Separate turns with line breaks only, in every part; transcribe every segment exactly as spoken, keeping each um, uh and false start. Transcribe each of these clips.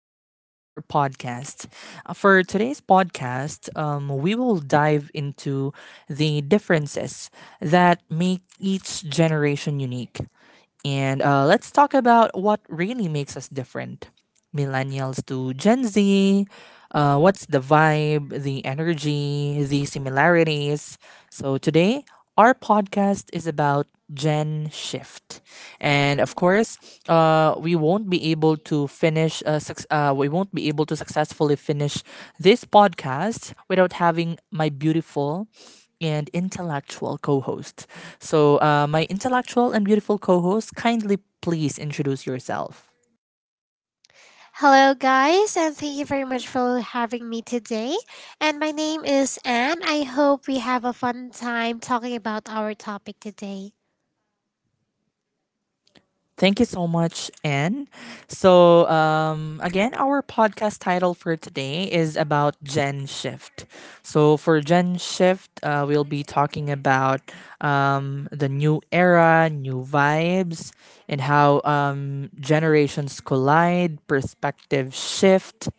welcome to our podcast. Uh, For today's podcast, um, we will dive into the differences that make each generation unique. And uh, let's talk about what really makes us different, millennials to Gen Z. Uh, what's the vibe, the energy, the similarities? So, today, our podcast is about Gen Shift, and of course, uh, we won't be able to finish. Uh, suc- uh, we won't be able to successfully finish this podcast without having my beautiful and intellectual co-host. So, uh, my intellectual and beautiful co-host, kindly please introduce yourself.
Hello, guys, and thank you very much for having me today. And my name is Anne. I hope we have a fun time talking about our topic today.
Thank you so much, Anne. So, um, again, our podcast title for today is about Gen Shift. So, for Gen Shift, uh, we'll be talking about um, the new era, new vibes, and how um, generations collide, perspectives shift,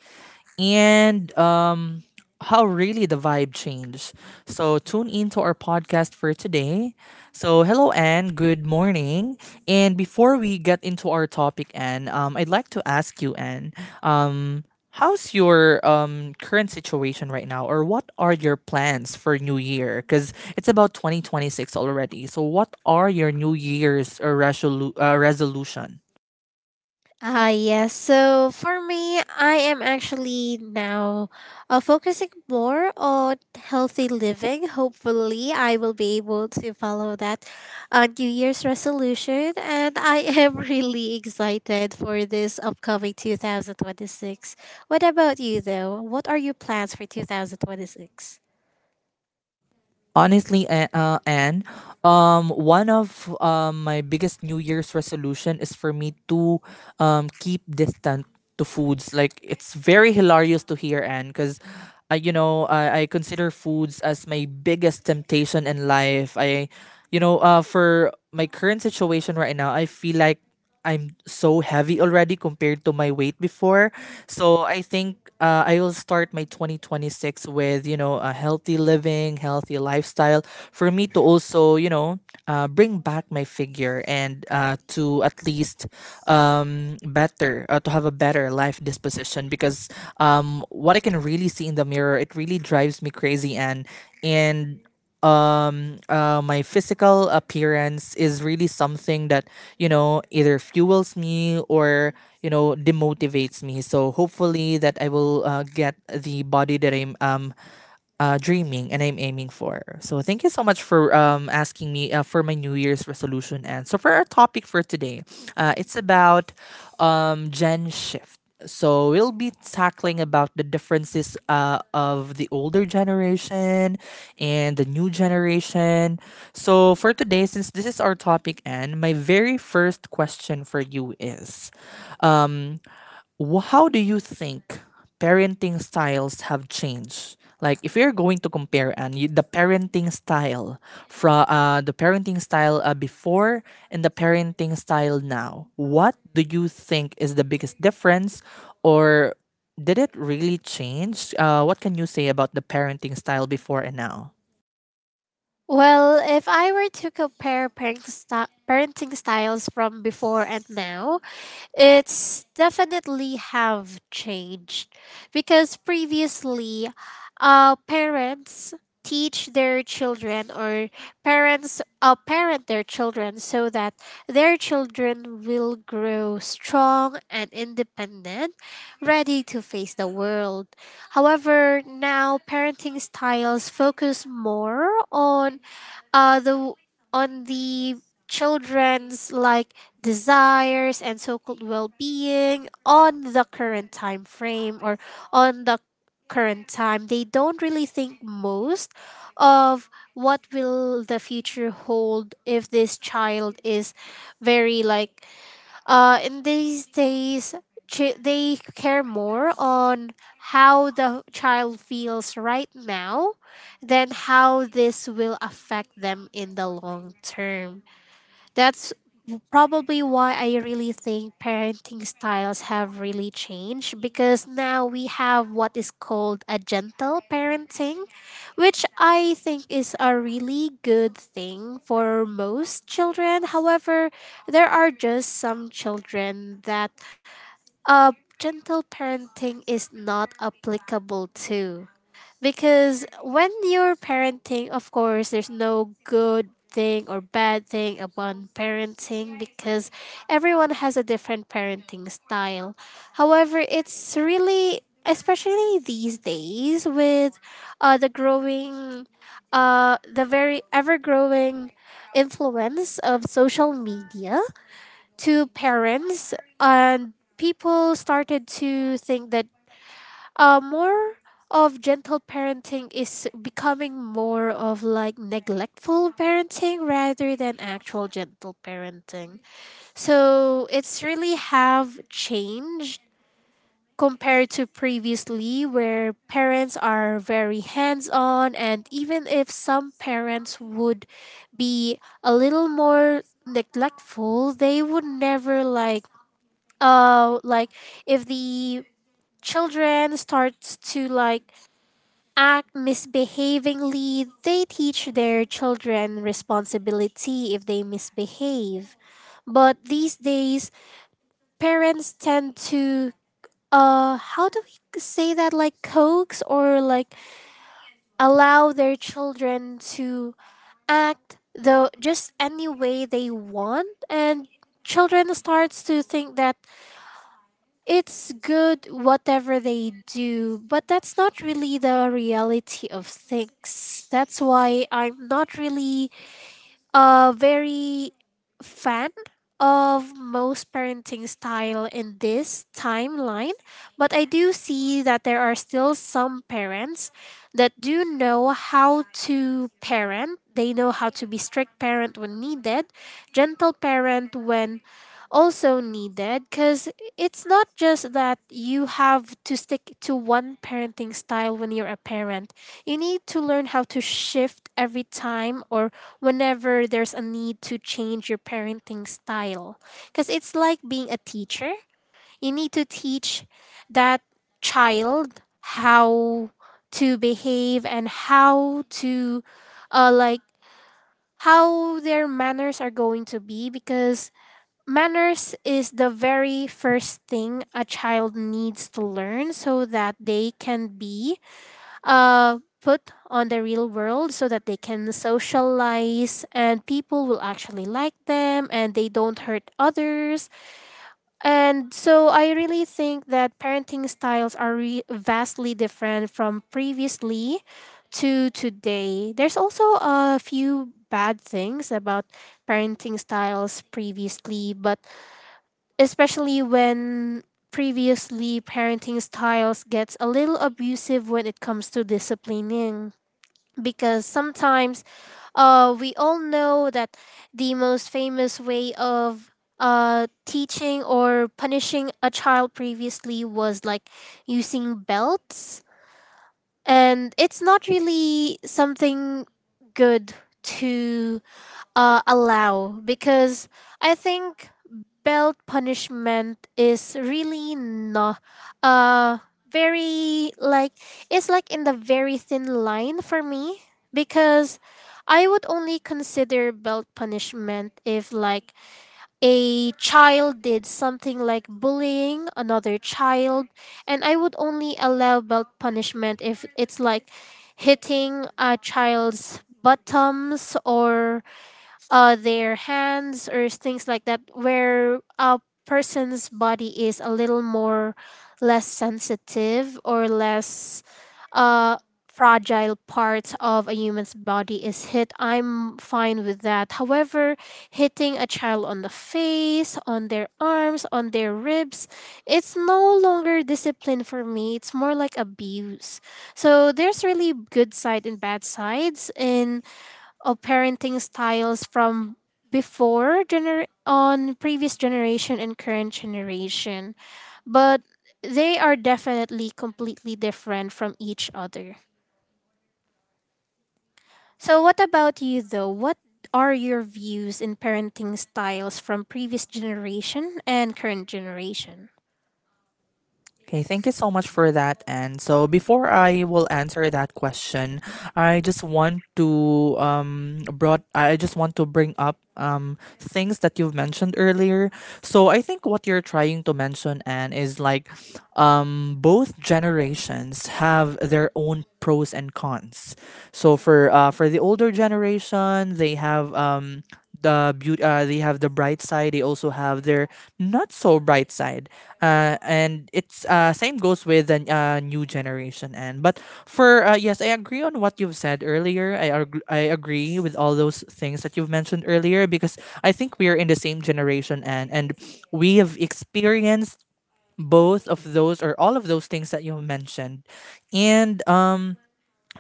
and um, how really the vibe changed. So tune in to our podcast for today. So hello, Anne. Good morning. And before we get into our topic, Anne, um, I'd like to ask you, Anne, um, how's your um, current situation right now, or what are your plans for New Year? Because it's about twenty twenty six already. So what are your New Year's uh, resolu- uh, resolution?
Ah, yes. So for me, I am actually now uh, focusing more on healthy living. Hopefully, I will be able to follow that uh, New Year's resolution. And I am really excited for this upcoming two thousand twenty-six. What about you, though? What are your plans for two thousand twenty-six?
Honestly, A- uh, Anne, um, one of um, my biggest New Year's resolution is for me to um, keep distant to foods. Like it's very hilarious to hear, Anne, because I, you know, I, I consider foods as my biggest temptation in life. I, you know, uh, for my current situation right now, I feel like I'm so heavy already compared to my weight before. So I think uh, I will start my twenty twenty six with, you know, a healthy living, healthy lifestyle for me to also, you know, uh, bring back my figure and uh, to at least um, better, uh, to have a better life disposition because um, what I can really see in the mirror, it really drives me crazy. And, and um uh, My physical appearance is really something that, you know, either fuels me or, you know, demotivates me, so hopefully that I will uh, get the body that i'm um uh, dreaming and I'm aiming for. So thank you so much for um, asking me uh, for my New Year's resolution. And so for our topic for today, uh, it's about um, Gen Shift. So we'll be tackling about the differences uh, of the older generation and the new generation. So for today, since this is our topic, and my very first question for you is, wh- how do you think parenting styles have changed? Like if you're going to compare and you, the parenting style from uh, the parenting style uh, before and the parenting style now, what do you think is the biggest difference, or did it really change? Uh, what can you say about the parenting style before and now?
Well, if I were to compare parenting, sti- parenting styles from before and now, it's definitely have changed because previously uh parents teach their children, or parents uh, parent their children, so that their children will grow strong and independent, ready to face the world. However, now parenting styles focus more on uh, the on the children's like desires and so-called well-being on the current time frame, or on the current time. They don't really think most of what will the future hold if this child is very like, uh, in these days, chi- they care more on how the child feels right now than how this will affect them in the long term. That's probably why I really think parenting styles have really changed, because now we have what is called a gentle parenting, which I think is a really good thing for most children. However, there are just some children that uh, gentle parenting is not applicable to. Because when you're parenting, of course, there's no good thing or bad thing about parenting, because everyone has a different parenting style. However, it's really, especially these days with uh, the growing uh, the very ever growing influence of social media to parents, and people started to think that uh more of gentle parenting is becoming more of like neglectful parenting rather than actual gentle parenting. So it's really have changed compared to previously, where parents are very hands on, and even if some parents would be a little more neglectful, they would never like, uh like if the children starts to like act misbehavingly, they teach their children responsibility if they misbehave. But these days, parents tend to uh how do we say that, like, coax, or like, allow their children to act the just any way they want, and children starts to think that it's good whatever they do. But that's not really the reality of things. That's why I'm not really a very fan of most parenting style in this timeline, but I do see that there are still some parents that do know how to parent. They know how to be strict parent when needed, gentle parent when also needed, because it's not just that you have to stick to one parenting style when you're a parent. You need to learn how to shift every time, or whenever there's a need to change your parenting style. Because it's like being a teacher, you need to teach that child how to behave, and how to uh, like how their manners are going to be. Because manners is the very first thing a child needs to learn, so that they can be uh, put on the real world, so that they can socialize and people will actually like them and they don't hurt others. And so I really think that parenting styles are re- vastly different from previously to today. There's also a few bad things about parenting styles previously, but especially when previously parenting styles gets a little abusive when it comes to disciplining. Because sometimes, uh we all know that the most famous way of uh teaching or punishing a child previously was like using belts, and it's not really something good to uh allow, because I think belt punishment is really not uh very, like it's like in the very thin line for me. Because I would only consider belt punishment if like a child did something like bullying another child, and I would only allow belt punishment if it's like hitting a child's bottoms or uh, their hands or things like that, where a person's body is a little more less sensitive or less uh, fragile parts of a human's body is hit. I'm fine with that. However, hitting a child on the face, on their arms, on their ribs, it's no longer discipline for me, it's more like abuse. So there's really good side and bad sides in of parenting styles from before gener- on previous generation and current generation, but they are definitely completely different from each other. So what about you, though? What are your views in parenting styles from previous generation and current generation?
Okay, thank you so much for that. And so before I will answer that question, I just want to um brought I just want to bring up um things that you've mentioned earlier. So I think what you're trying to mention, and is like, um both generations have their own pros and cons. So for uh for the older generation, they have um the beauty, uh, they have the bright side, they also have their not so bright side, uh, and it's uh, same goes with the uh, new generation. And but for uh, Yes, I agree on what you've said earlier. I, arg- I agree with all those things that you've mentioned earlier, because I think we are in the same generation, and and we have experienced both of those or all of those things that you mentioned. And um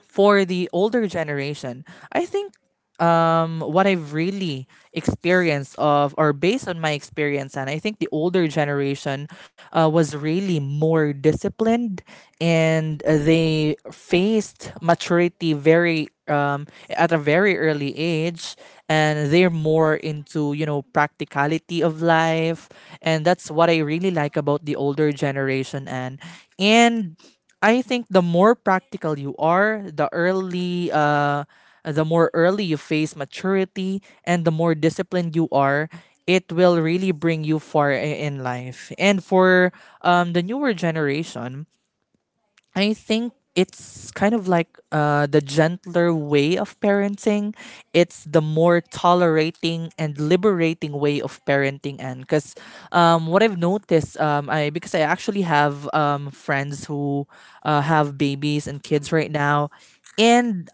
For the older generation, I think, um, what I've really experienced of, or based on my experience, and I think the older generation uh, was really more disciplined, and uh, they faced maturity very um, at a very early age, and they're more into, you know, practicality of life, and that's what I really like about the older generation. And and. I think the more practical you are, the early uh the more early you face maturity and the more disciplined you are, it will really bring you far i- in life. And for um the newer generation, I think it's kind of like uh, the gentler way of parenting. It's the more tolerating and liberating way of parenting. And because, um, what I've noticed, um, I, because I actually have um, friends who uh, have babies and kids right now, and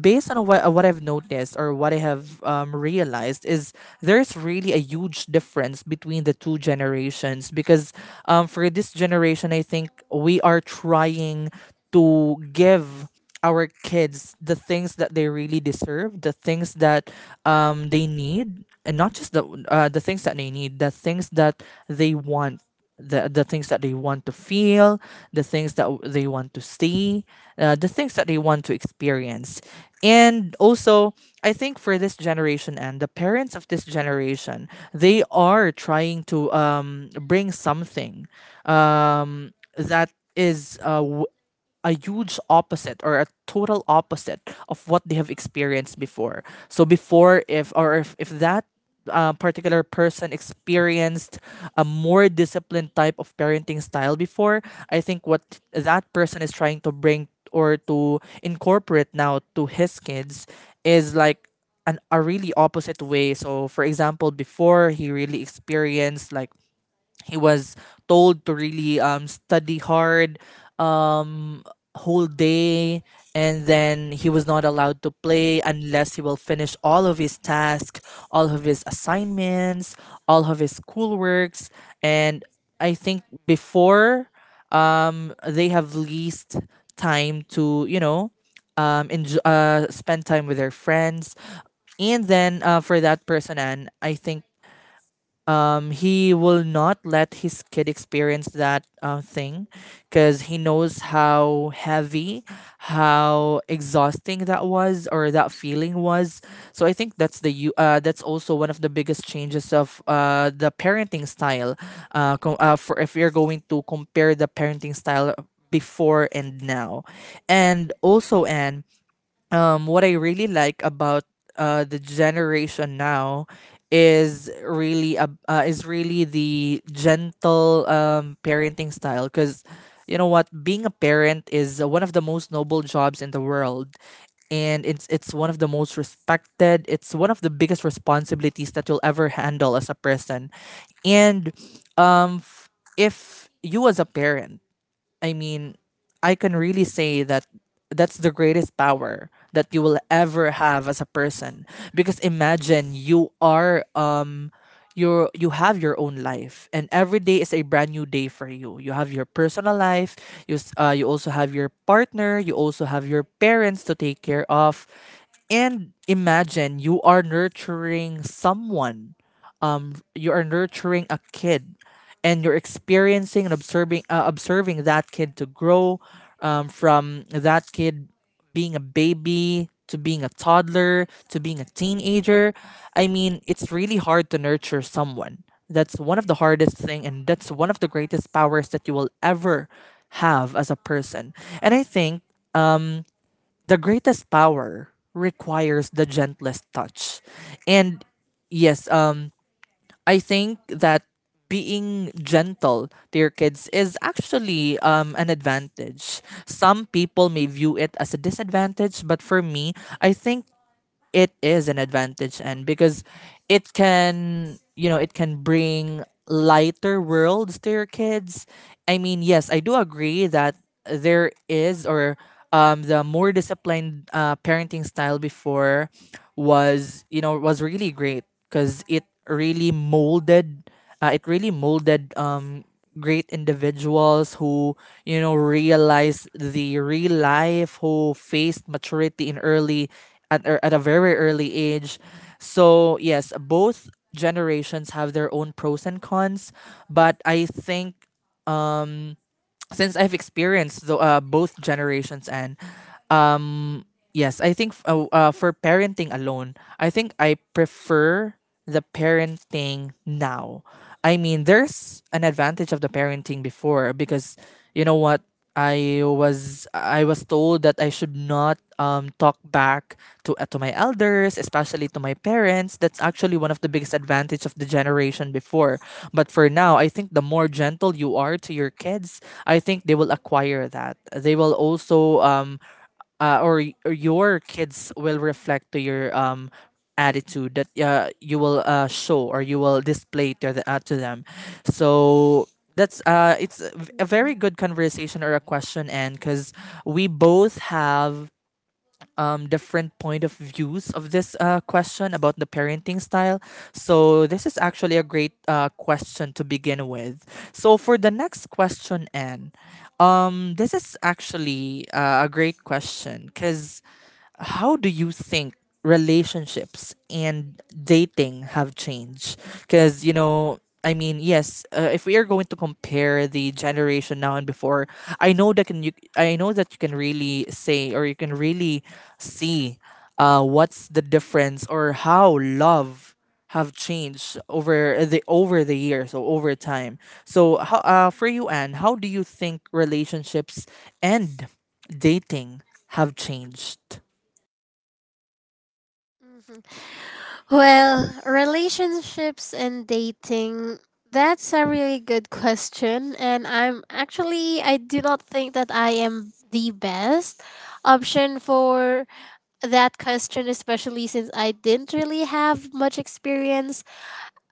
based on what, what I've noticed or what I have um, realized, is there's really a huge difference between the two generations, because um, for this generation, I think we are trying to give our kids the things that they really deserve, the things that um, they need, and not just the uh, the things that they need, the things that they want, the the things that they want to feel, the things that w- they want to see, uh, the things that they want to experience. And also, I think for this generation and the parents of this generation, they are trying to um, bring something um, that is uh, w- a huge opposite or a total opposite of what they have experienced before. So before, if or if, if that uh, particular person experienced a more disciplined type of parenting style before, I think what that person is trying to bring or to incorporate now to his kids is like an, a really opposite way. So, for example, before, he really experienced, like, he was told to really um, study hard um, whole day, and then he was not allowed to play unless he will finish all of his tasks, all of his assignments, all of his schoolworks. And I think before, um, they have least time to, you know, um, enjoy, uh, spend time with their friends. And then, uh, for that person and I think um, he will not let his kid experience that uh, thing, because he knows how heavy, how exhausting that was or that feeling was. So I think that's the you uh, that's also one of the biggest changes of uh, the parenting style. Uh, com- uh, for, if you're going to compare the parenting style before and now. And also, Anne, um, what I really like about uh, the generation now is really a, uh, is really the gentle um, parenting style, because, you know what, being a parent is uh, one of the most noble jobs in the world, and it's it's one of the most respected, it's one of the biggest responsibilities that you'll ever handle as a person. and um f- if you, as a parent, I mean, I can really say that that's the greatest power that you will ever have as a person, because imagine, you are um you you have your own life and every day is a brand new day for you, you have your personal life, you s- uh, you also have your partner, you also have your parents to take care of, and imagine you are nurturing someone. Um, you are nurturing a kid, and you're experiencing and observing uh, observing that kid to grow, um, from that kid being a baby, to being a toddler, to being a teenager. I mean, it's really hard to nurture someone. That's one of the hardest thing, and that's one of the greatest powers that you will ever have as a person. And I think the greatest power requires the gentlest touch. And yes, um I think that being gentle to your kids is actually, um, an advantage. Some people may view it as a disadvantage, but for me, I think it is an advantage. And Because it can, you know, it can bring lighter worlds to your kids. I mean, yes, I do agree that there is or um, the more disciplined uh, parenting style before was, you know, was really great, because it really molded, uh, it really molded um, great individuals who, you know, realized the real life, who faced maturity in early, at, er, at a very early age. So, yes, both generations have their own pros and cons, but I think, since I've experienced the, uh, both generations, and yes, I think, f- uh, uh, for parenting alone, I think I prefer the parenting now. I mean, there's an advantage of the parenting before, because, you know what, I was I was told that I should not um, talk back to uh, to my elders, especially to my parents. That's actually one of the biggest advantage of the generation before. But for now, I think the more gentle you are to your kids, I think they will acquire that. They will also, um, uh, or, y- or your kids will reflect to your um attitude that uh, you will uh, show or you will display to, the, uh, to them, so that's uh it's a v- a very good conversation or a question, and because we both have um, different point of views of this uh, question about the parenting style. So this is actually a great uh, question to begin with. So for the next question, Anne, um, this is actually uh, a great question. Because how do you think relationships and dating have changed? Because, you know, I mean, yes, uh, if we are going to compare the generation now and before, I know that can you I know that you can really say or you can really see uh, what's the difference or how love have changed over the over the years or over time. So, how, uh, for you, Anne, how do you think relationships and dating have changed?
Well, relationships and dating, that's a really good question. And I'm actually, I do not think that I am the best option for that question, especially since I didn't really have much experience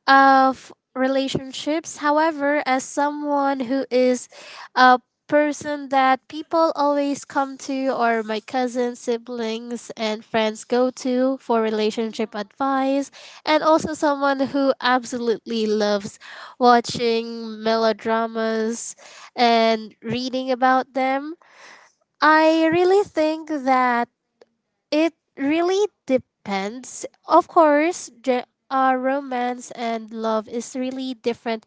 of relationships. However, as someone who is a person that people always come to, or my cousins, siblings, and friends go to for relationship advice, and also someone who absolutely loves watching melodramas and reading about them, I really think that it really depends. Of course, the uh, romance and love is really different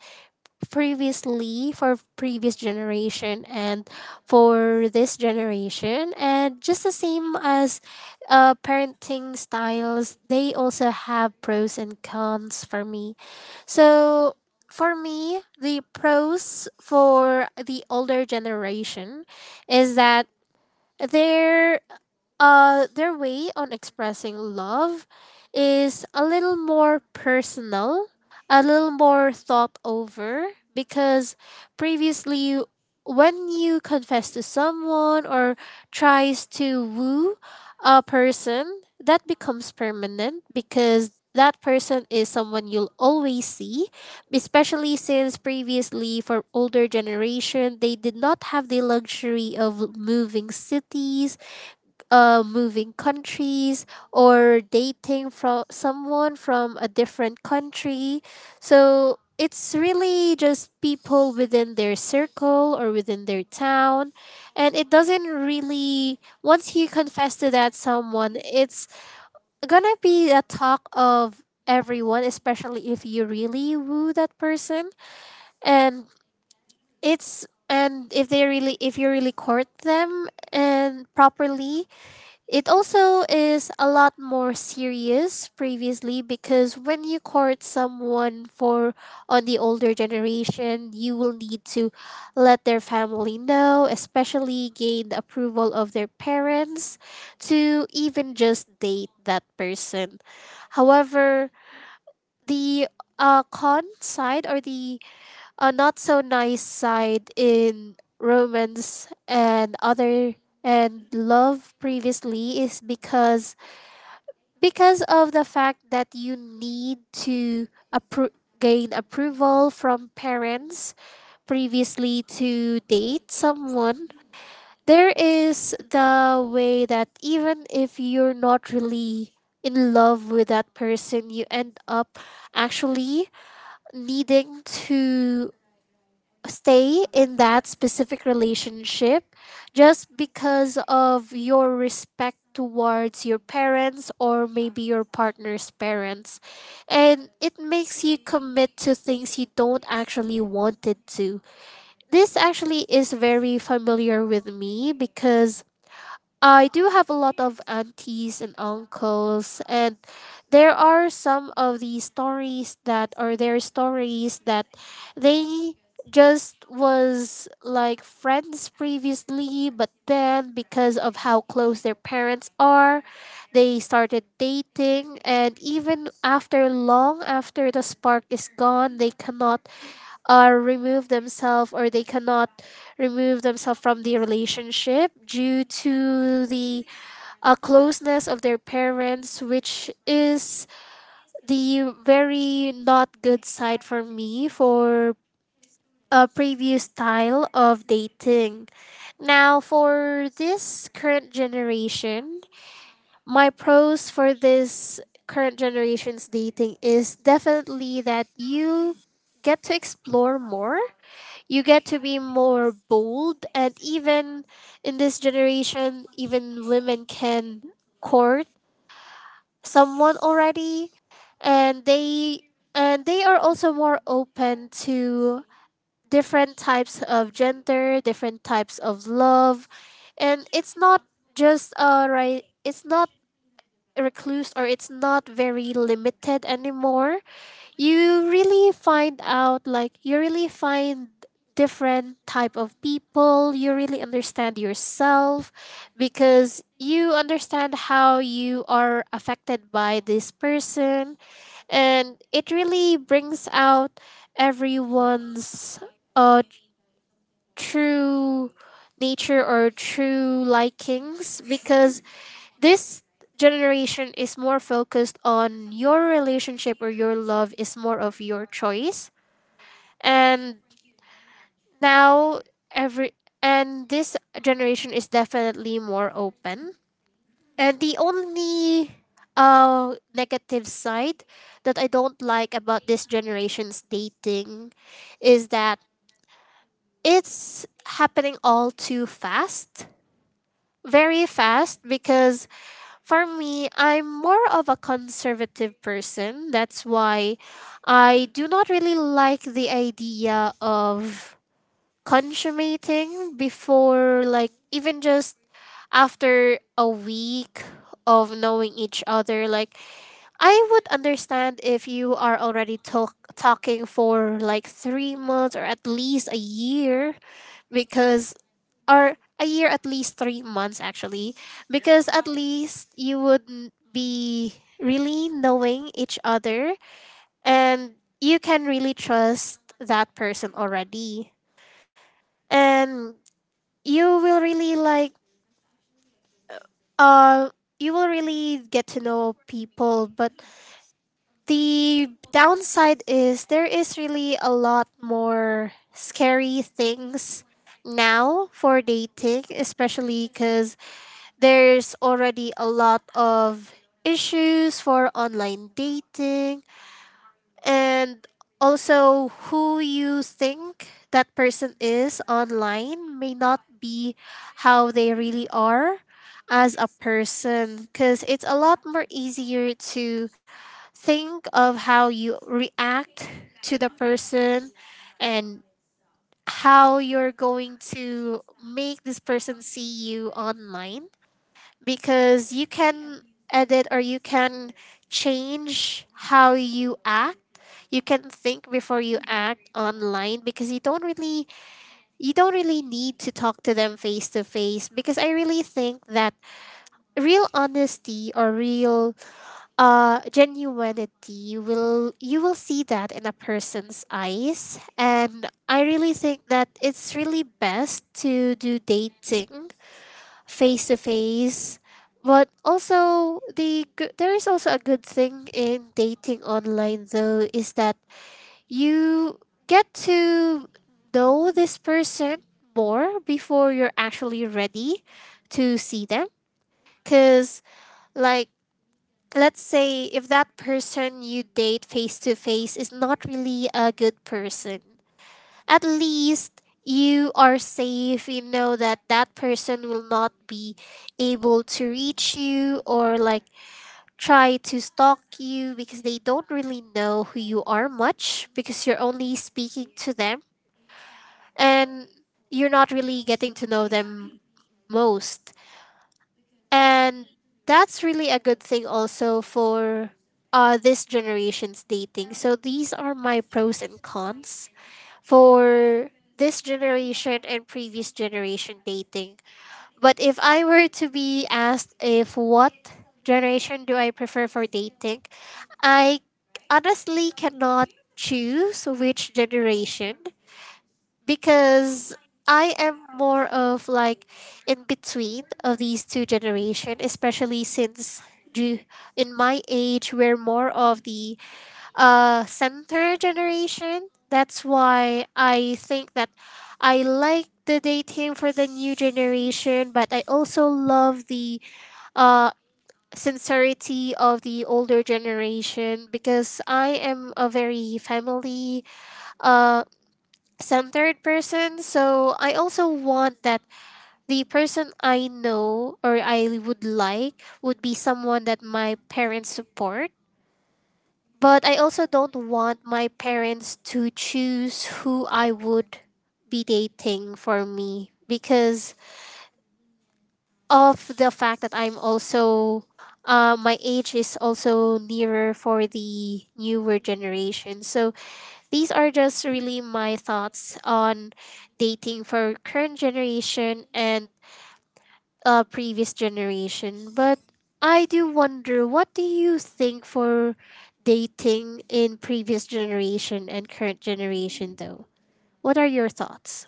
previously for previous generation and for this generation, and just the same as uh, parenting styles, they also have pros and cons for me. So for me, the pros for the older generation is that their uh, their way on expressing love is a little more personal, a little more thought over, because previously, when you confess to someone or tries to woo a person, that becomes permanent, because that person is someone you'll always see, especially since previously for older generation, they did not have the luxury of moving cities, uh, moving countries, or dating from someone from a different country. So it's really just people within their circle or within their town. And it doesn't really, once you confess to that someone, it's gonna be a talk of everyone, especially if you really woo that person. And it's, and if they really, if you really court them and properly, it also is a lot more serious previously, because when you court someone for on the older generation, you will need to let their family know, especially gain the approval of their parents to even just date that person. However, the uh, con side, or the a not so nice side in romance and other and love previously, is because because of the fact that you need to appro- gain approval from parents previously to date someone, there is the way that even if you're not really in love with that person, you end up actually needing to stay in that specific relationship, just because of your respect towards your parents or maybe your partner's parents, and it makes you commit to things you don't actually wanted to. This actually is very familiar with me, because I do have a lot of aunties and uncles, and there are some of the stories that are their stories, that they just was like friends previously, but then because of how close their parents are, they started dating, and even after long after the spark is gone, they cannot or remove themselves or they cannot remove themselves from the relationship due to the uh, closeness of their parents, which is the very not good side for me for a previous style of dating. Now for this current generation, my pros for this current generation's dating is definitely that you get to explore more, you get to be more bold, and even in this generation even women can court someone already, and they and they are also more open to different types of gender, different types of love. And it's not just, uh right, it's not recluse, or it's not very limited anymore. You really find out like you really find different type of people, you really understand yourself, because you understand how you are affected by this person, and it really brings out everyone's uh, true nature or true likings, because this generation is more focused on your relationship, or your love is more of your choice. And now, every and this generation is definitely more open. And the only uh negative side that I don't like about this generation's dating is that it's happening all too fast. Very fast, because for me, I'm more of a conservative person. That's why I do not really like the idea of consummating before, like, even just after a week of knowing each other. Like, I would understand if you are already talk- talking for like three months or at least a year because or a year at least three months actually because at least you would n- be really knowing each other and you can really trust that person already and you will really like uh you will really get to know people. But the downside is there is really a lot more scary things now for dating, especially because there's already a lot of issues for online dating. And also, who you think that person is online may not be how they really are as a person, because it's a lot more easier to think of how you react to the person and how you're going to make this person see you online, because you can edit or you can change how you act. You can think before you act online because you don't really you don't really need to talk to them face to face, because I really think that real honesty or real uh genuinity, you will you will see that in a person's eyes. And I really think that it's really best to do dating face to face. But also, the g- there is also a good thing in dating online, though, is that you get to know this person more before you're actually ready to see them, cuz like, let's say if that person you date face to face is not really a good person, at least you are safe. You know that that person will not be able to reach you or like try to stalk you, because they don't really know who you are much, because you're only speaking to them and you're not really getting to know them most. And that's really a good thing also for uh, this generation's dating. So these are my pros and cons for this generation and previous generation dating. But if I were to be asked if what generation do I prefer for dating, I honestly cannot choose which generation because I am more of like in between of these two generation, especially since ju- in my age we're more of the uh center generation. That's why I think that I like the dating for the new generation, but I also love the uh sincerity of the older generation, because I am a very family uh centered person. So I also want that the person I know or I would like would be someone that my parents support, but I also don't want my parents to choose who I would be dating for me, because of the fact that I'm also, uh, my age is also nearer for the newer generation. So these are just really my thoughts on dating for current generation and uh, previous generation. But I do wonder, what do you think for dating in previous generation and current generation, though? What are your thoughts?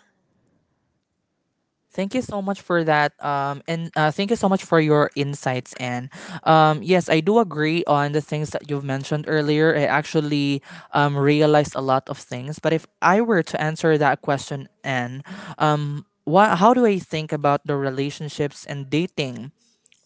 Thank you so much for that. Um, and uh, Thank you so much for your insights. And um, yes, I do agree on the things that you've mentioned earlier. I actually um, realized a lot of things. But if I were to answer that question, and um, what, how do I think about the relationships and dating,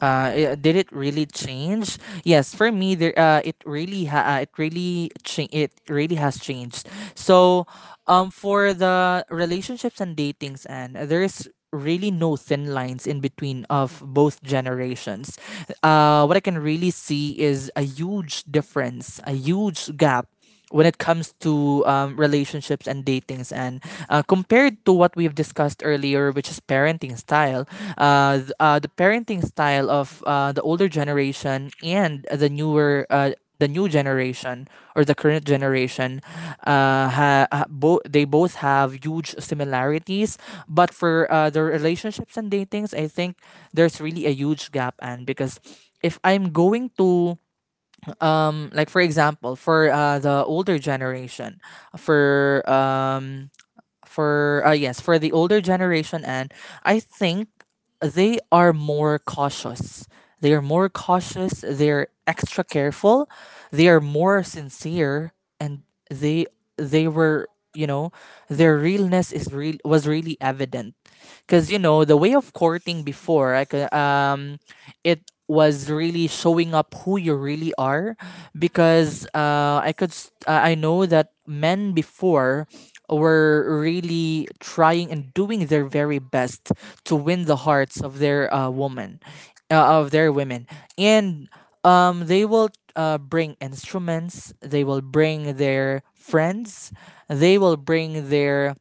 uh, i- did it really change? Yes, for me, there. Uh, it really, ha- uh, it really, cha- it really has changed. So, um, for the relationships and datings, and there's really no thin lines in between of both generations. Uh, what I can really see is a huge difference, a huge gap when it comes to um, relationships and datings, and uh, compared to what we've discussed earlier, which is parenting style. Uh, th- uh, the parenting style of uh, the older generation and the newer uh, the new generation, or the current generation, uh, ha, ha, bo- they both have huge similarities. But for uh, the relationships and datings, I think there's really a huge gap. And because, if i'm going to um like, for example, for uh the older generation, for um for uh yes for the older generation, and I think they are more cautious, they are more cautious, they're extra careful, they are more sincere. And they they were, you know, their realness is real was really evident, because you know the way of courting before, like, uh, um it was really showing up who you really are. Because uh, I could s- uh, I know that men before were really trying and doing their very best to win the hearts of their uh, woman uh, of their women. And um, they will uh, bring instruments, they will bring their friends, they will bring their,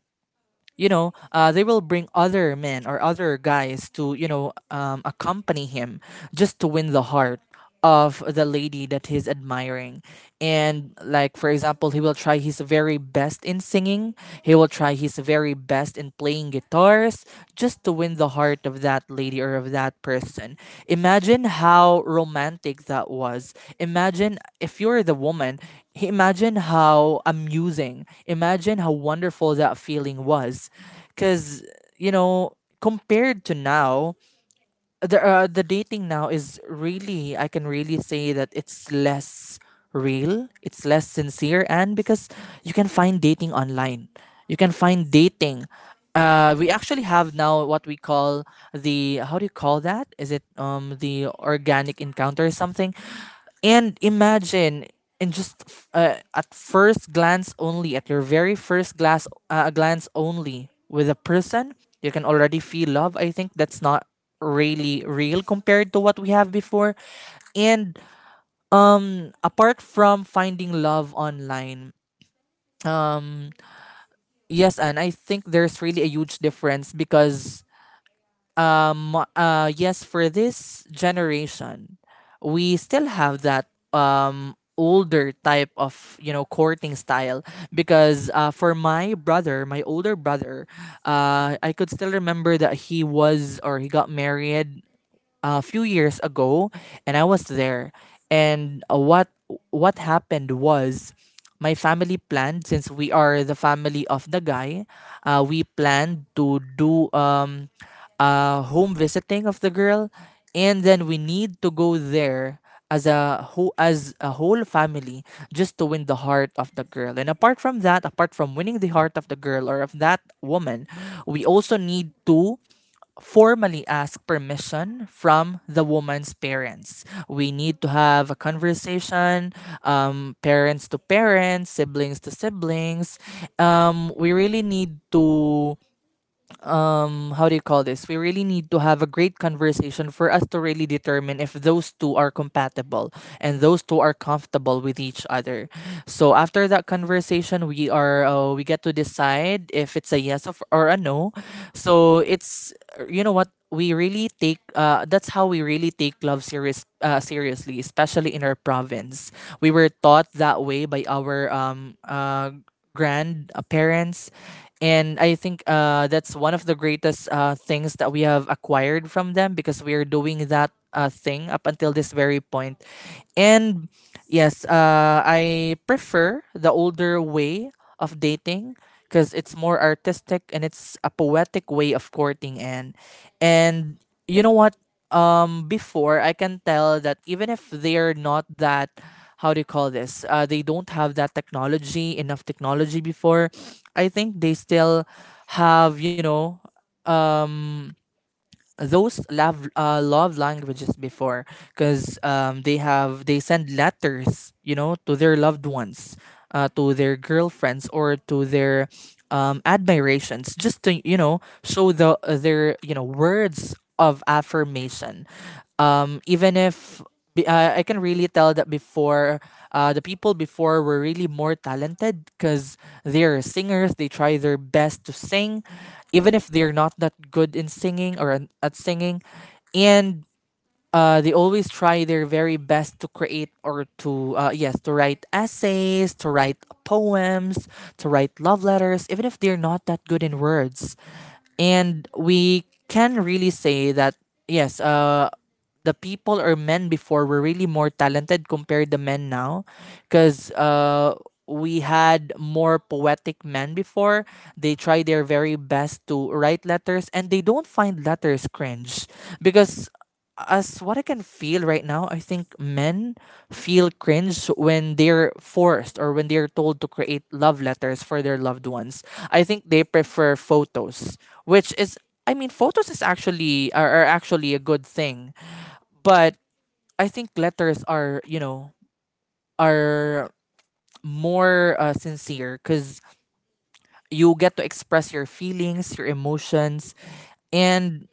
you know, uh, they will bring other men or other guys to, you know, um, accompany him, just to win the heart of the lady that he's admiring. And, like, for example, he will try his very best in singing, he will try his very best in playing guitars, just to win the heart of that lady or of that person. Imagine how romantic that was. Imagine if you're the woman, imagine how amusing, imagine how wonderful that feeling was. Because, you know, compared to now, the uh, the dating now is really I can really say that it's less real, it's less sincere. And because you can find dating online, you can find dating. Uh, we actually have now what we call, the how do you call that? Is it um the organic encounter or something? And imagine and just f- uh, at first glance, only at your very first glass uh, glance only with a person, you can already feel love. I think that's not really real compared to what we have before. And um apart from finding love online, mm, yes, and I think there's really a huge difference. Because um uh yes, for this generation, we still have that um older type of you know courting style, because uh, for my brother my older brother, uh, I could still remember that he was or he got married a few years ago, and I was there. And uh, what what happened was, my family planned, since we are the family of the guy, uh, we planned to do um, a home visiting of the girl, and then we need to go there as a whole, as a whole family, just to win the heart of the girl. And apart from that apart from winning the heart of the girl or of that woman, we also need to formally ask permission from the woman's parents. We need to have a conversation, um, parents to parents, siblings to siblings. Um, we really need to, um how do you call this, we really need to have a great conversation for us to really determine if those two are compatible and those two are comfortable with each other. So after that conversation, we are uh, we get to decide if it's a yes of, or a no. So it's, you know what, we really take uh, that's how we really take love serious uh, seriously, especially in our province. We were taught that way by our um uh, grand uh, parents, and I think uh, that's one of the greatest uh, things that we have acquired from them, because we are doing that uh, thing up until this very point. And yes, uh, I prefer the older way of dating, because it's more artistic and it's a poetic way of courting. And and you know what, um before, I can tell that even if they're not that, how do you call this, Uh, they don't have that technology, enough technology before, I think they still have, you know, um, those love uh, love languages before. Because um, they have they send letters, you know, to their loved ones, uh, to their girlfriends or to their um, admirations, just to, you know show the uh, their, you know words of affirmation. Um, even if, be- uh, I can really tell that before, uh, the people before were really more talented, because they're singers. They try their best to sing, even if they're not that good in singing or an- at singing. And uh, they always try their very best to create, or to, uh, yes, to write essays, to write poems, to write love letters, even if they're not that good in words. And we can really say that yes, uh, the people or men before were really more talented compared to men now, because uh, we had more poetic men before. They try their very best to write letters, and they don't find letters cringe, because as what I can feel right now, I think men feel cringe when they're forced or when they're told to create love letters for their loved ones. I think they prefer photos, which is, I mean, photos is actually are, are actually a good thing. But I think letters are, you know, are more uh, sincere, because you get to express your feelings, your emotions. And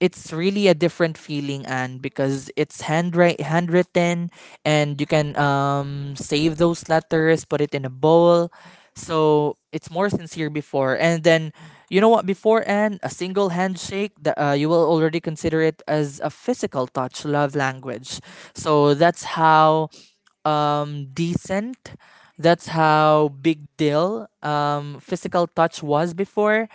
it's really a different feeling, and because it's handwrite handwritten, and you can um save those letters, put it in a bowl. So it's more sincere before. And then, you know what, before, and a single handshake, the, uh, you will already consider it as a physical touch love language. So that's how um decent that's how big deal um physical touch was before.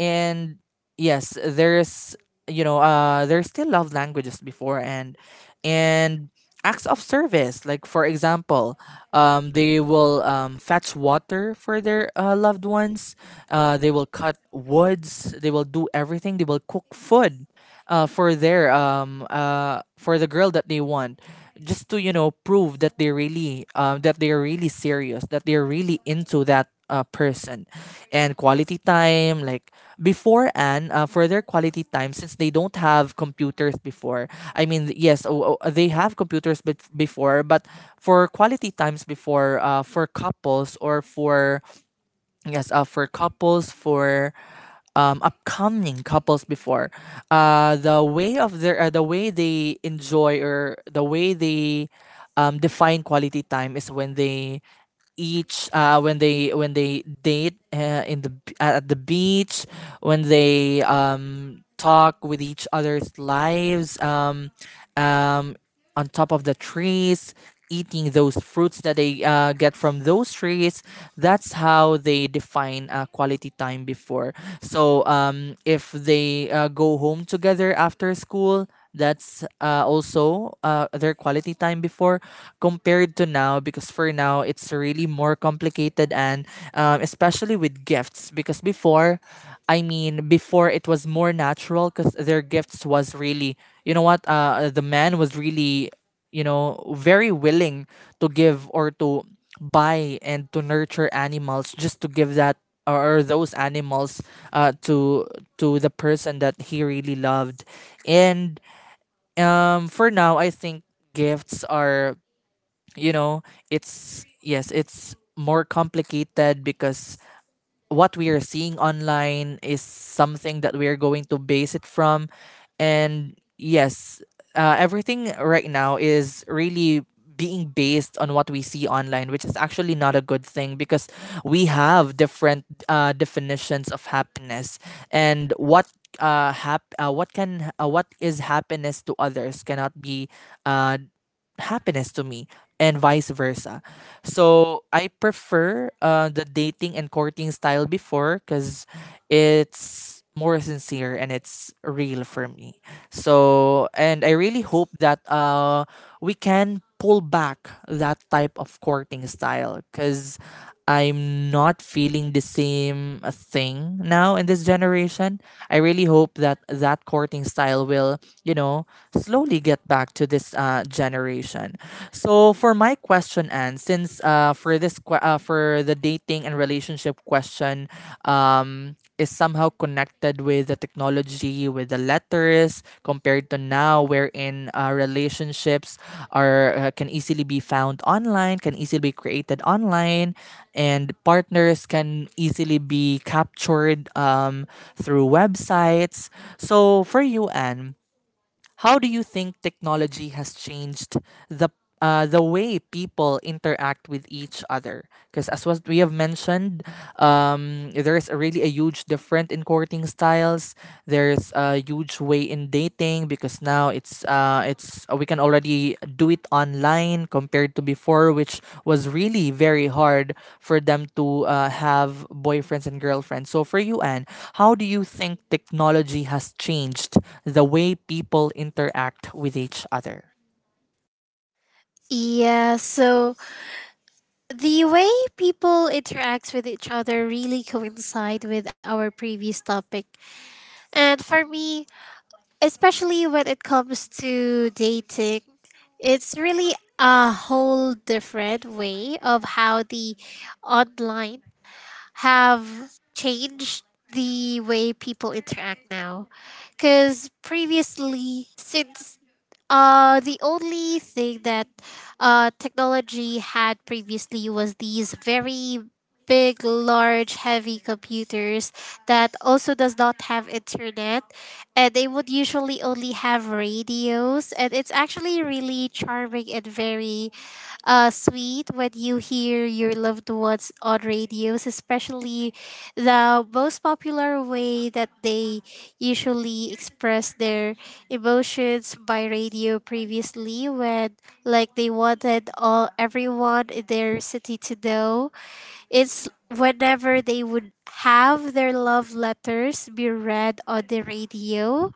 And yes, there's, you know uh there's still love languages before. And and acts of service, like, for example, um they will um fetch water for their uh, loved ones. Uh they will cut woods, they will do everything, they will cook food uh for their, um uh for the girl that they want, just to, you know prove that they really um that they are really serious, that they're really into that uh, person. And quality time, like before. And uh, for their quality time, since they don't have computers before. I mean, yes, o- o- they have computers bet before, but for quality times before, uh, for couples, or for, yes, uh, for couples for um, upcoming couples before, uh, the way of their, uh, the way they enjoy, or the way they um, define quality time, is when they each uh, when they when they date uh, in the b- at the beach, when they um, talk with each other's lives, um, um, on top of the trees, eating those fruits that they uh, get from those trees. That's how they define uh, quality time before. So um, if they uh, go home together after school, that's uh, also uh, their quality time before, compared to now. Because for now it's really more complicated, and um, especially especially with gifts. Because before, I mean, before, it was more natural because their gifts was really, you know what, uh, uh, the man was really, you know very willing to give or to buy and to nurture animals just to give that, or those animals, uh, to to the person that he really loved. And um for now, I think gifts are, you know it's, yes, it's more complicated, because what we are seeing online is something that we are going to base it from. And yes, uh, everything right now is really being based on what we see online, which is actually not a good thing, because we have different uh, definitions of happiness. And what, uh, hap- uh, what can, uh, what is happiness to others cannot be uh, happiness to me, and vice versa. So I prefer uh, the dating and courting style before, because it's more sincere and it's real for me. So, and I really hope that uh we can pull back that type of courting style, because I'm not feeling the same uh, thing now in this generation. I really hope that that courting style will, you know, slowly get back to this uh, generation. So, for my question, and, since uh, for this que- uh, for the dating and relationship relationship question, um, is somehow connected with the technology, with the letters, compared to now, wherein uh, relationships are, uh, can easily be found online, can easily be created online, and partners can easily be captured um, through websites. So, for you, Anne, how do you think technology has changed the uh, the way people interact with each other? Because, as was we have mentioned, um, there's a really a huge difference in courting styles. There's a huge way in dating, because now it's um, uh, it's uh, we can already do it online compared to before, which was really very hard for them to uh, have boyfriends and girlfriends. So, for you, Anne, how do you think technology has changed the way people interact with each other?
Yeah, so the way people interact with each other really coincide with our previous topic. And for me, especially when it comes to dating, it's really a whole different way of how the online have changed the way people interact now. Because previously, since uh, the only thing that uh, technology had previously was these very big, large, heavy computers that also does not have internet. And they would usually only have radios. And it's actually really charming and very uh, sweet when you hear your loved ones on radios, especially the most popular way that they usually express their emotions by radio previously, when like they wanted all everyone in their city to know. It's whenever they would have their love letters be read on the radio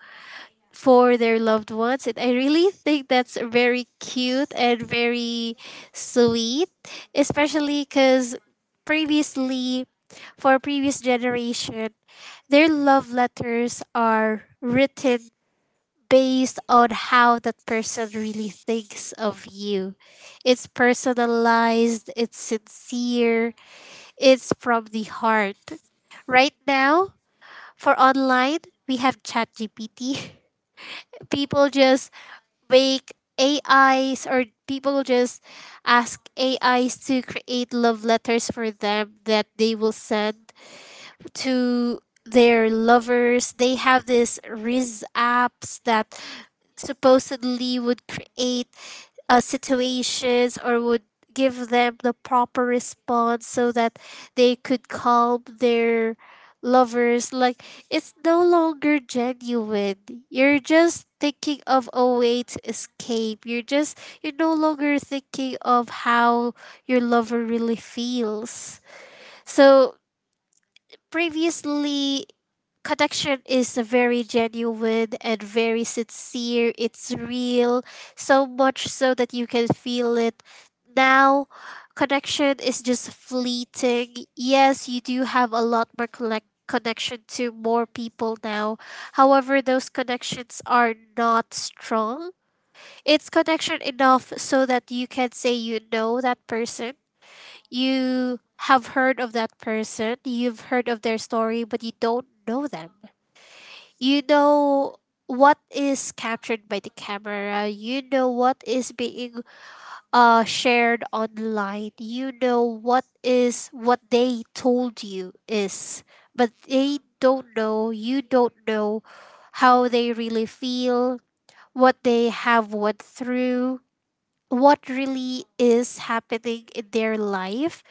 for their loved ones, and I really think that's very cute and very sweet, especially because previously, for previous generation, their love letters are written based on how that person really thinks of you. It's personalized, it's sincere, it's from the heart. Right now, for online, we have chat gpt. People just make A Is, or people just ask A Is to create love letters for them that they will send to their lovers. They have this Riz apps that supposedly would create uh, situations or would give them the proper response so that they could calm their lovers. Like, it's no longer genuine. You're just thinking of a way to escape. You're just you're no longer thinking of how your lover really feels. So previously, connection is very genuine and very sincere. It's real, so much so that you can feel it. Now, connection is just fleeting. Yes, you do have a lot more collect connection to more people now. However, those connections are not strong. It's connection enough so that you can say you know that person. You have heard of that person, you've heard of their story, but you don't know them. You know what is captured by the camera. You know what is being uh shared online. You know what is what they told you is, but they don't know. You don't know how they really feel, what they have went through, what really is happening in their life.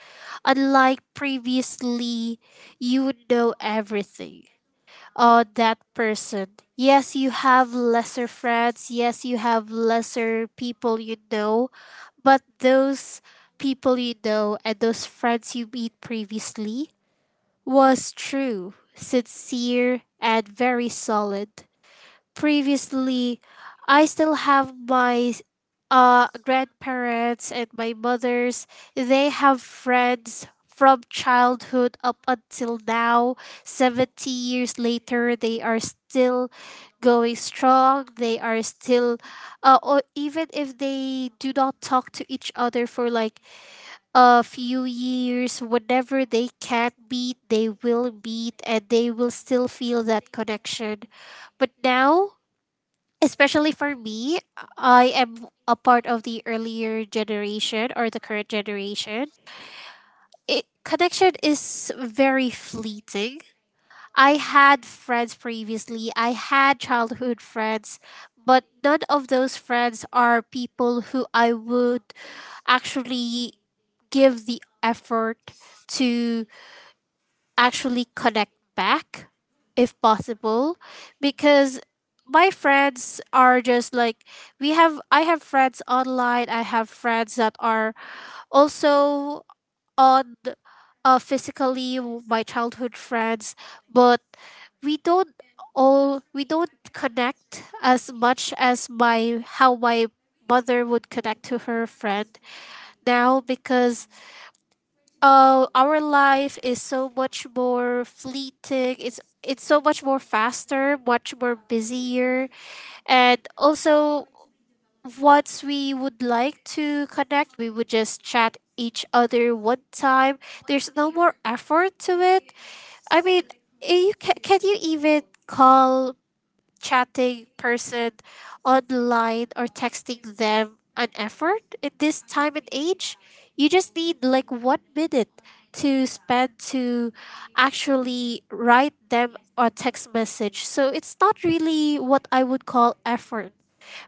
Unlike previously, you would know everything uh, that person. Yes, you have lesser friends. Yes, you have lesser people you know. But those people you know and those friends you meet previously was true, sincere, and very solid. Previously, I still have my uh grandparents and my mothers. They have friends from childhood up until now. seventy years later, they are still going strong. They are still, uh, or even if they do not talk to each other for like a few years, whenever they can meet they will meet, and they will still feel that connection. But now, especially for me, I am a part of the earlier generation or the current generation. It connection is very fleeting. I had friends previously. I had childhood friends, but none of those friends are people who I would actually give the effort to actually connect back if possible, because my friends are just like, we have I have friends online, I have friends that are also on, uh, physically my childhood friends, but we don't all we don't connect as much as my how my mother would connect to her friend now, because uh, our life is so much more fleeting. It's it's so much more faster, much more busier, and also, once we would like to connect, we would just chat each other one time. There's no more effort to it. I mean, eh, you can, can you even call chatting person online or texting them an effort in this time and age. You just need like one minute to spend to actually write them a text message. So it's not really what I would call effort.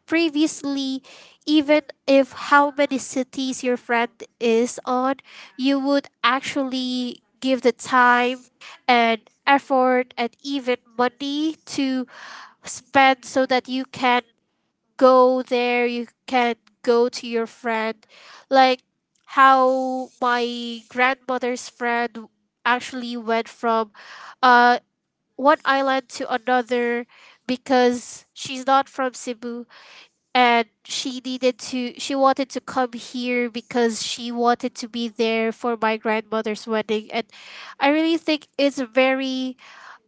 Previously, even if how many cities your friend is on, you would actually give the time and effort and even money to spend so that you can go there, you can go to your friend. Like how my grandmother's friend actually went from uh one island to another, because she's not from Cebu and she needed to she wanted to come here because she wanted to be there for my grandmother's wedding. And I really think it's very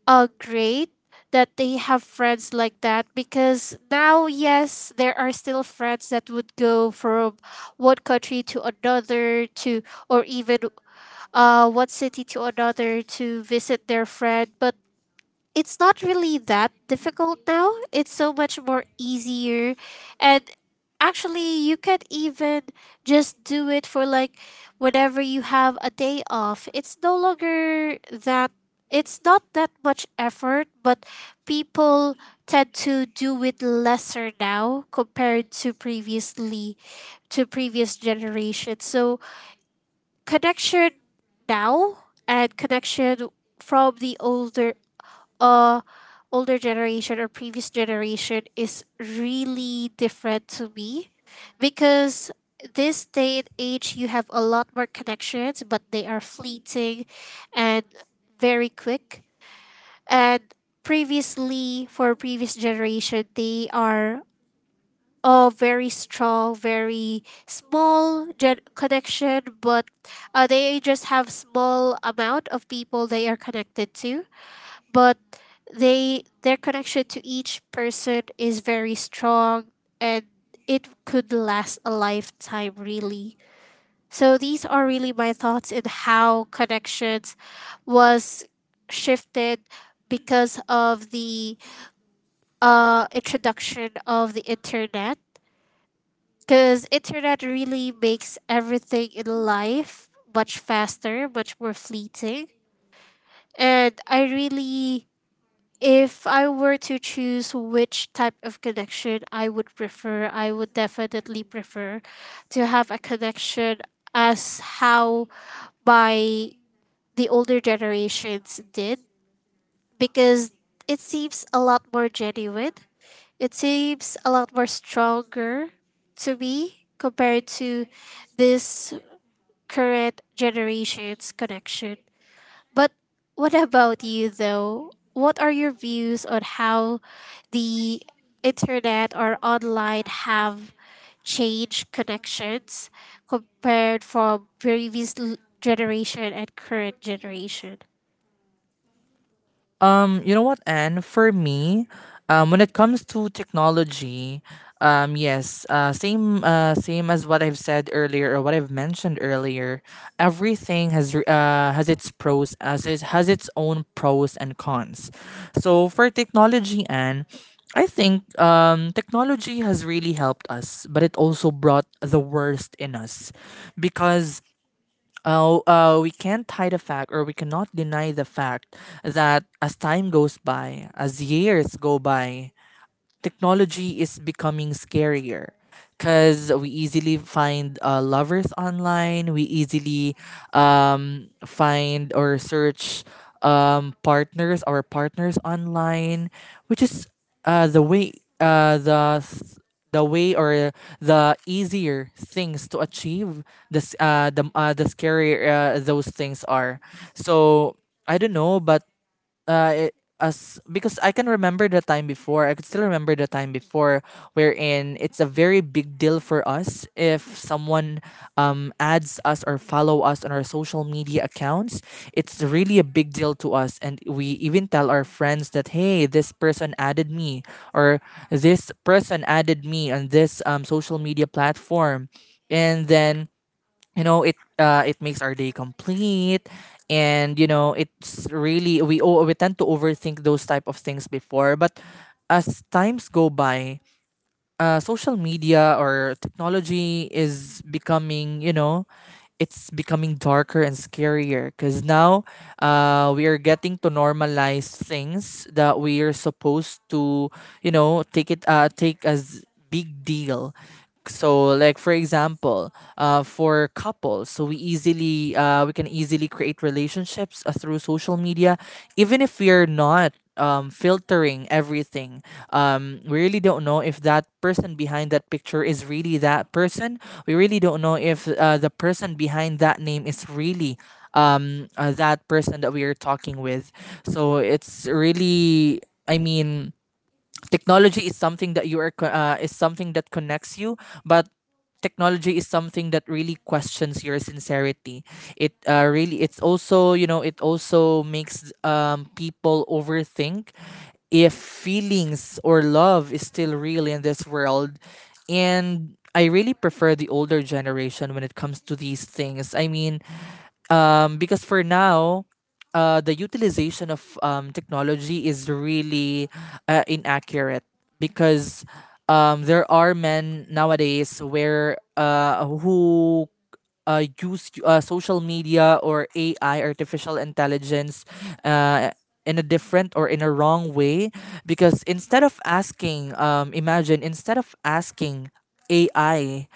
uh, great that they have friends like that, because now, yes, there are still friends that would go from one country to another to, or even uh, one city to another to visit their friend. But it's not really that difficult now. It's so much more easier. And actually, you can even just do it for like whenever you have a day off. It's no longer that, it's not that much effort, but people tend to do it lesser now compared to previously, to previous generations. So, connection now and connection from the older, uh older generation or previous generation, is really different to me, because this day and age you have a lot more connections but they are fleeting and very quick. And previously, for previous generation, they are all very strong, very small gen- connection, but uh, they just have small amount of people they are connected to, but they their connection to each person is very strong, and it could last a lifetime really. So these are really my thoughts in how connections was shifted because of the uh, introduction of the internet, because internet really makes everything in life much faster, much more fleeting. And I really If I were to choose which type of connection I would prefer, I would definitely prefer to have a connection as how by the older generations did, because it seems a lot more genuine. It seems a lot more stronger to me compared to this current generation's connection. But what about you though? What are your views on how the internet or online have changed connections compared from previous l- generation and current generation?
Um, you know what, Anne? For me, um, when it comes to technology, um, yes, uh, same, uh, same as what I've said earlier, or what I've mentioned earlier. Everything has r- uh, has its pros, as it has its own pros and cons. So, for technology, Anne, I think um, technology has really helped us, but it also brought the worst in us, because, oh, uh, we can't hide the fact, or we cannot deny the fact, that as time goes by, as years go by, technology is becoming scarier, because we easily find uh, lovers online. We easily um, find or search um, partners or partners online, which is uh, the way uh, the th- the way or the easier things to achieve. This uh, the uh, the scarier uh, those things are. So I don't know, but uh it, as because I can remember the time before. I could still remember the time before, wherein it's a very big deal for us if someone um adds us or follow us on our social media accounts. It's really a big deal to us, and we even tell our friends that, hey, this person added me, or this person added me on this um social media platform. And then, you know it uh it makes our day complete. And, you know it's really, we o- we tend to overthink those type of things before. But as times go by, uh, social media or technology is becoming, you know, it's becoming darker and scarier, because now, uh, we are getting to normalize things that we are supposed to, you know, take it uh, take as big deal. So, like, for example, uh, for couples, so we easily uh, we can easily create relationships uh, through social media, even if we are not um, filtering everything. Um, we really don't know if that person behind that picture is really that person. We really don't know if uh, the person behind that name is really, um, uh, that person that we are talking with. So it's really, I mean, technology is something that you are co- uh, is something that connects you, but technology is something that really questions your sincerity. It uh, really, it's also, you know it also makes um, people overthink if feelings or love is still real in this world. And I really prefer the older generation when it comes to these things, I mean, um, because for now, uh, the utilization of um, technology is really uh, inaccurate, because um, there are men nowadays where uh, who uh, use uh, social media or A I, artificial intelligence, uh, in a different or in a wrong way. Because, instead of asking, um, imagine, instead of asking A I,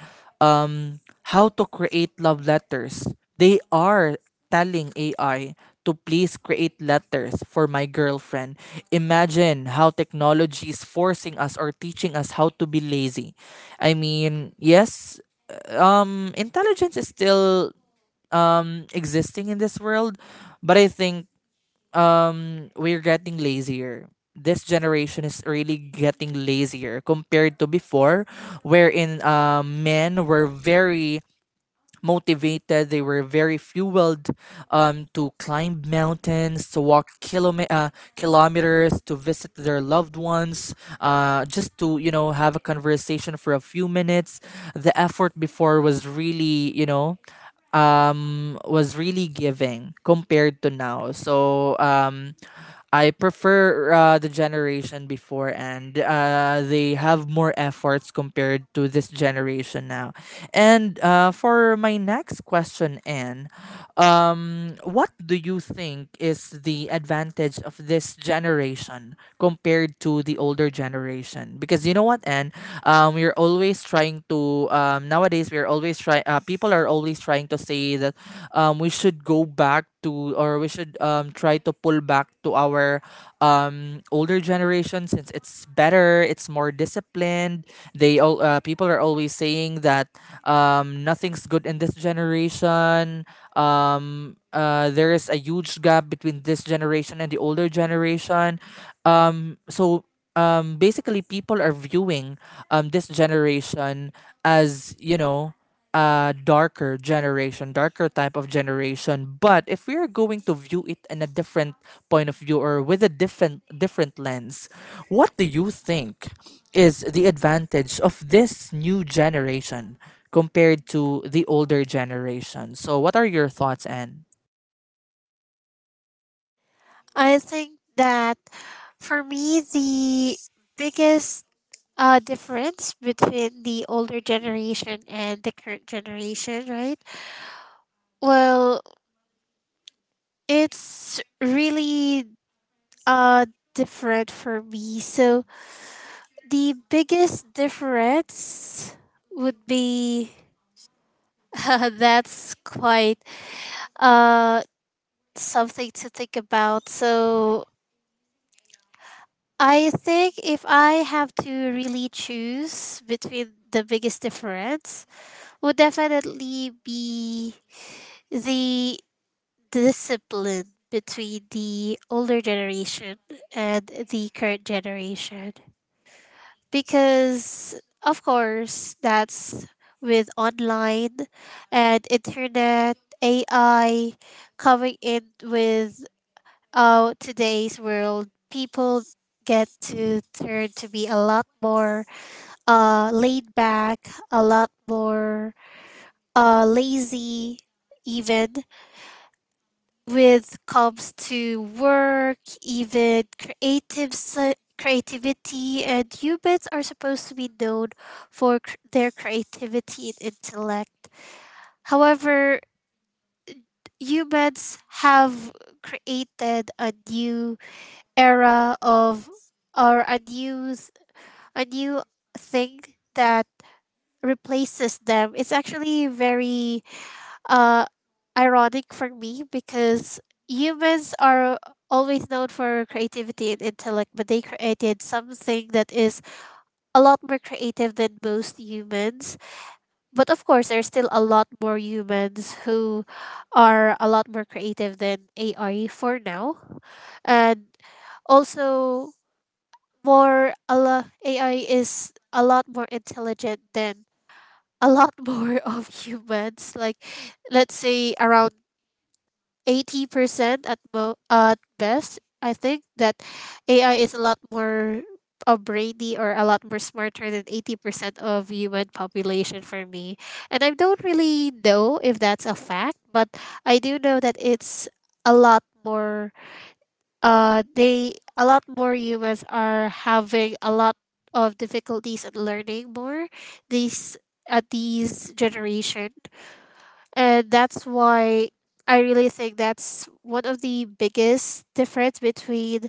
um, how to create love letters, they are telling A I to please create letters for my girlfriend. Imagine how technology is forcing us or teaching us how to be lazy. I mean, yes, um, intelligence is still, mm, existing in this world, but I think um, we're getting lazier. This generation is really getting lazier compared to before, wherein uh, men were very motivated, they were very fueled, um, to climb mountains, to walk kilome- uh, kilometers to visit their loved ones, uh, just to you know have a conversation for a few minutes. The effort before was really you know um, was really giving compared to now. So, um, I prefer uh, the generation before, and uh, they have more efforts compared to this generation now. And uh, for my next question, Anne, um, what do you think is the advantage of this generation compared to the older generation? Because, you know what, and, um, we're always trying to um, nowadays we're always trying. Uh, people are always trying to say that um, we should go back to, or we should, um, try to pull back to our um, older generation, since it's better, it's more disciplined. They all uh, people are always saying that um, nothing's good in this generation. Um uh there is a huge gap between this generation and the older generation. Um so, um basically, people are viewing um this generation as, you know a darker generation, darker type of generation. But if we are going to view it in a different point of view, or with a different different lens, what do you think is the advantage of this new generation compared to the older generation? So, what are your thoughts, Anne?
I think that for me the biggest uh, difference between the older generation and the current generation, right? Well, it's really uh different for me. So the biggest difference would be, that's quite uh something to think about. So I think if I have to really choose between, the biggest difference would definitely be the discipline between the older generation and the current generation, because of course that's with online and internet ai coming in. With uh, today's world, people get to turn to be a lot more uh, laid back, a lot more uh, lazy, even with comes to work, even creative se- creativity, and humans are supposed to be known for cr- their creativity and intellect. However, humans have created a new era of, or a new s- a new thing that replaces them. It's actually very uh, ironic for me, because humans are always known for creativity and intellect, but they created something that is a lot more creative than most humans. But of course, there's still a lot more humans who are a lot more creative than A I for now. And also, more a lo- A I is a lot more intelligent than a lot more of humans. Like, let's say around eighty percent at mo at best. I think that A I is a lot more uh, brainy or a lot more smarter than eighty percent of human population, for me. And I don't really know if that's a fact, but I do know that it's a lot more. Uh, they A lot more humans are having a lot of difficulties in learning more. These At these generation, and that's why I really think that's one of the biggest difference between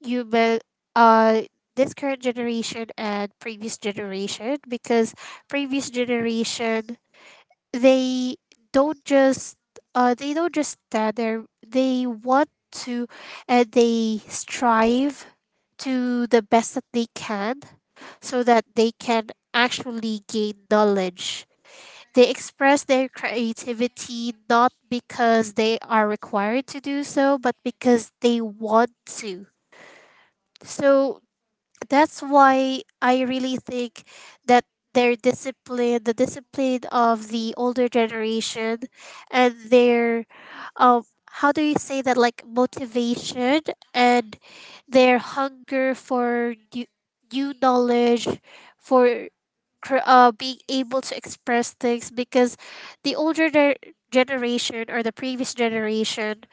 human uh this current generation and previous generation, because previous generation, they don't just uh they don't just stand there, they want to, and they strive to the best that they can, so that they can actually gain knowledge. They express their creativity not because they are required to do so, but because they want to. So that's why I really think that their discipline, the discipline of the older generation, and their, um, how do you say that, like motivation, and their hunger for new, new knowledge, for cr- uh, being able to express things, because the older der- generation, or the previous generation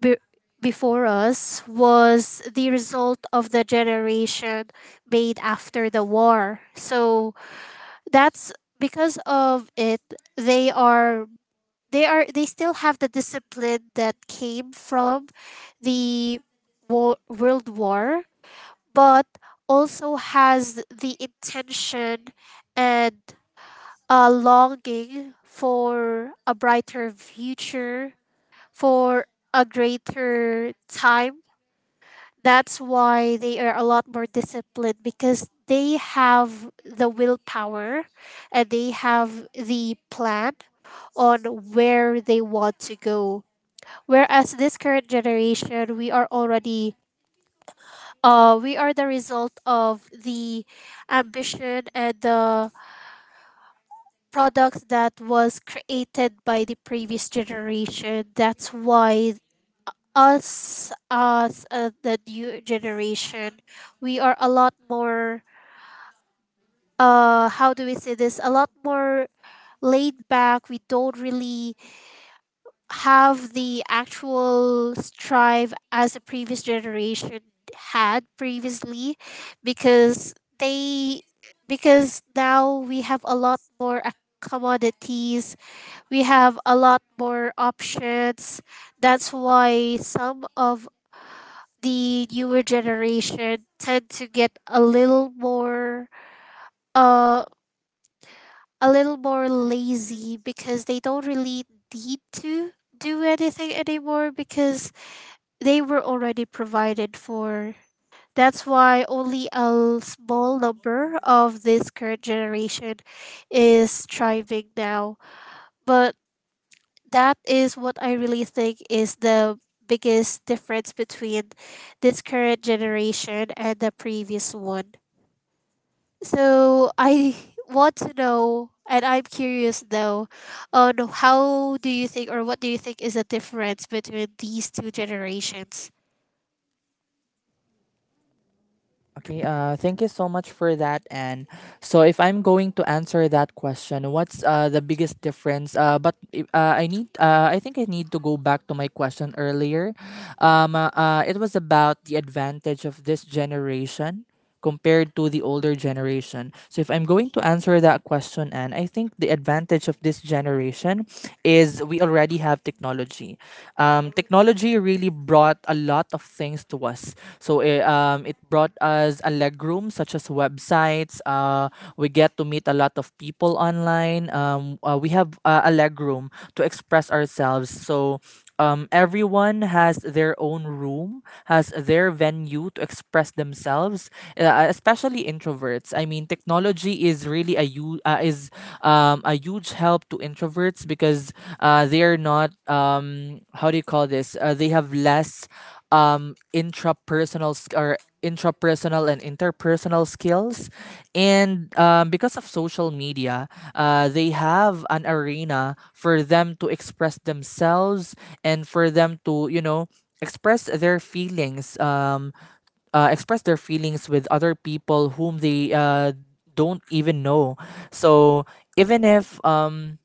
be- before us, was the result of the generation made after the war. So that's, because of it, they are, they are they still have the discipline that came from the wo- world war, but also has the intention and a longing for a brighter future, for a greater time. That's why they are a lot more disciplined, because they have the willpower and they have the plan on where they want to go. Whereas this current generation, we are already uh, we are the result of the ambition and the products that was created by the previous generation. That's why us as uh, the new generation, we are a lot more uh how do we say this? A lot more laid back. We don't really have the actual strive as the previous generation had previously, because they because now we have a lot more uh, commodities, we have a lot more options. That's why some of the newer generation tend to get a little more uh a little more lazy, because they don't really need to do anything anymore, because they were already provided for. That's why only a l- small number of this current generation is thriving now. But that is what I really think is the biggest difference between this current generation and the previous one. So I want to know, and I'm curious though, on how do you think, or what do you think is the difference between these two generations?
Okay, uh, thank you so much for that, Anne. So, if I'm going to answer that question, what's uh, the biggest difference? Uh, but i- uh, I need, uh, I think I need to go back to my question earlier. Um, uh, uh, it was about the advantage of this generation compared to the older generation. So if I'm going to answer that question, and I think the advantage of this generation is we already have technology. Um, technology really brought a lot of things to us. So, it, um, it brought us a legroom such as websites. Uh, we get to meet a lot of people online. Um, uh, we have uh, a legroom to express ourselves. So, um, everyone has their own room, has their venue to express themselves, uh, especially introverts. I mean, technology is really a u- uh, is um, a huge help to introverts, because uh, they're not, um, how do you call this? Uh, they have less um, intrapersonal sk- or intrapersonal and interpersonal skills. And um, because of social media, uh, they have an arena for them to express themselves, and for them to, you know, express their feelings um, uh, express their feelings with other people whom they uh, don't even know. So, even if um,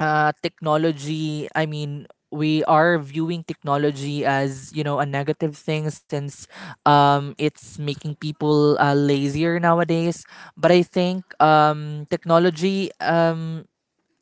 uh, technology, I mean, we are viewing technology as, you know a negative thing, since um, it's making people uh, lazier nowadays. But i think um, technology um,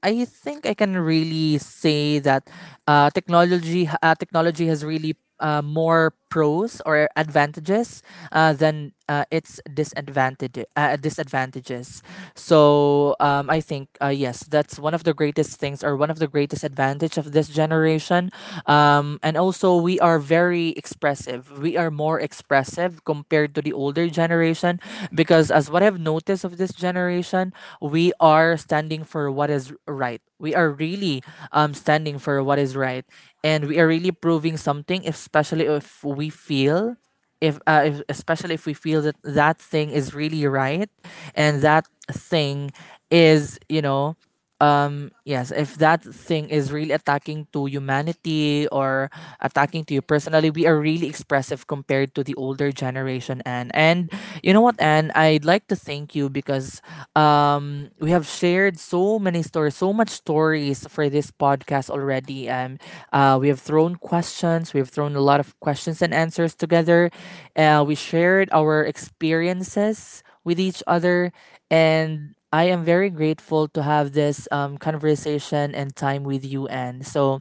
I think I can really say that uh, technology uh, technology has really, uh, more pros or advantages uh, than uh, its disadvantage uh, disadvantages. So, um, I think, uh, yes, that's one of the greatest things, or one of the greatest advantage of this generation. Um, and also, we are very expressive. We are more expressive compared to the older generation, because, as what what I've noticed of this generation, we are standing for what is right. We are really, um, standing for what is right. And we are really proving something, especially if we feel. If, uh, if especially if we feel that that thing is really right, and that thing is, you know um yes, if that thing is really attacking to humanity, or attacking to you personally, we are really expressive compared to the older generation. And and you know what, and I'd like to thank you, because um we have shared so many stories so much stories for this podcast already. Um uh, we have thrown questions we have thrown a lot of questions and answers together. Uh, we shared our experiences with each other, and I am very grateful to have this um, conversation and time with you, and so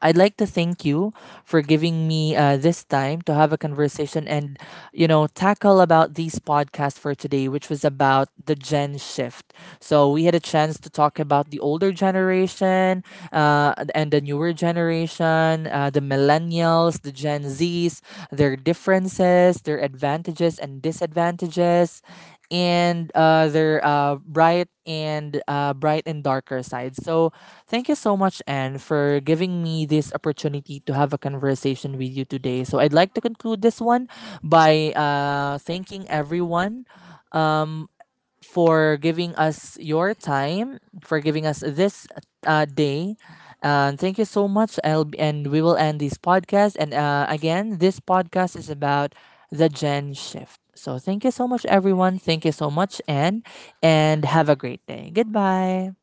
I'd like to thank you for giving me uh, this time to have a conversation, and you know tackle about these podcast for today, which was about the gen shift. So we had a chance to talk about the older generation, uh, and the newer generation, uh, the millennials, the Gen Zs, their differences, their advantages and disadvantages, and uh, their uh, bright and uh, bright and darker side. So, thank you so much, Anne, for giving me this opportunity to have a conversation with you today. So I'd like to conclude this one by uh, thanking everyone, for giving us your time, for giving us this uh, day. And thank you so much. I'll, and we will end this podcast. And, uh, again, this podcast is about the Gen Shift. So, thank you so much, everyone. Thank you so much, and, and have a great day. Goodbye.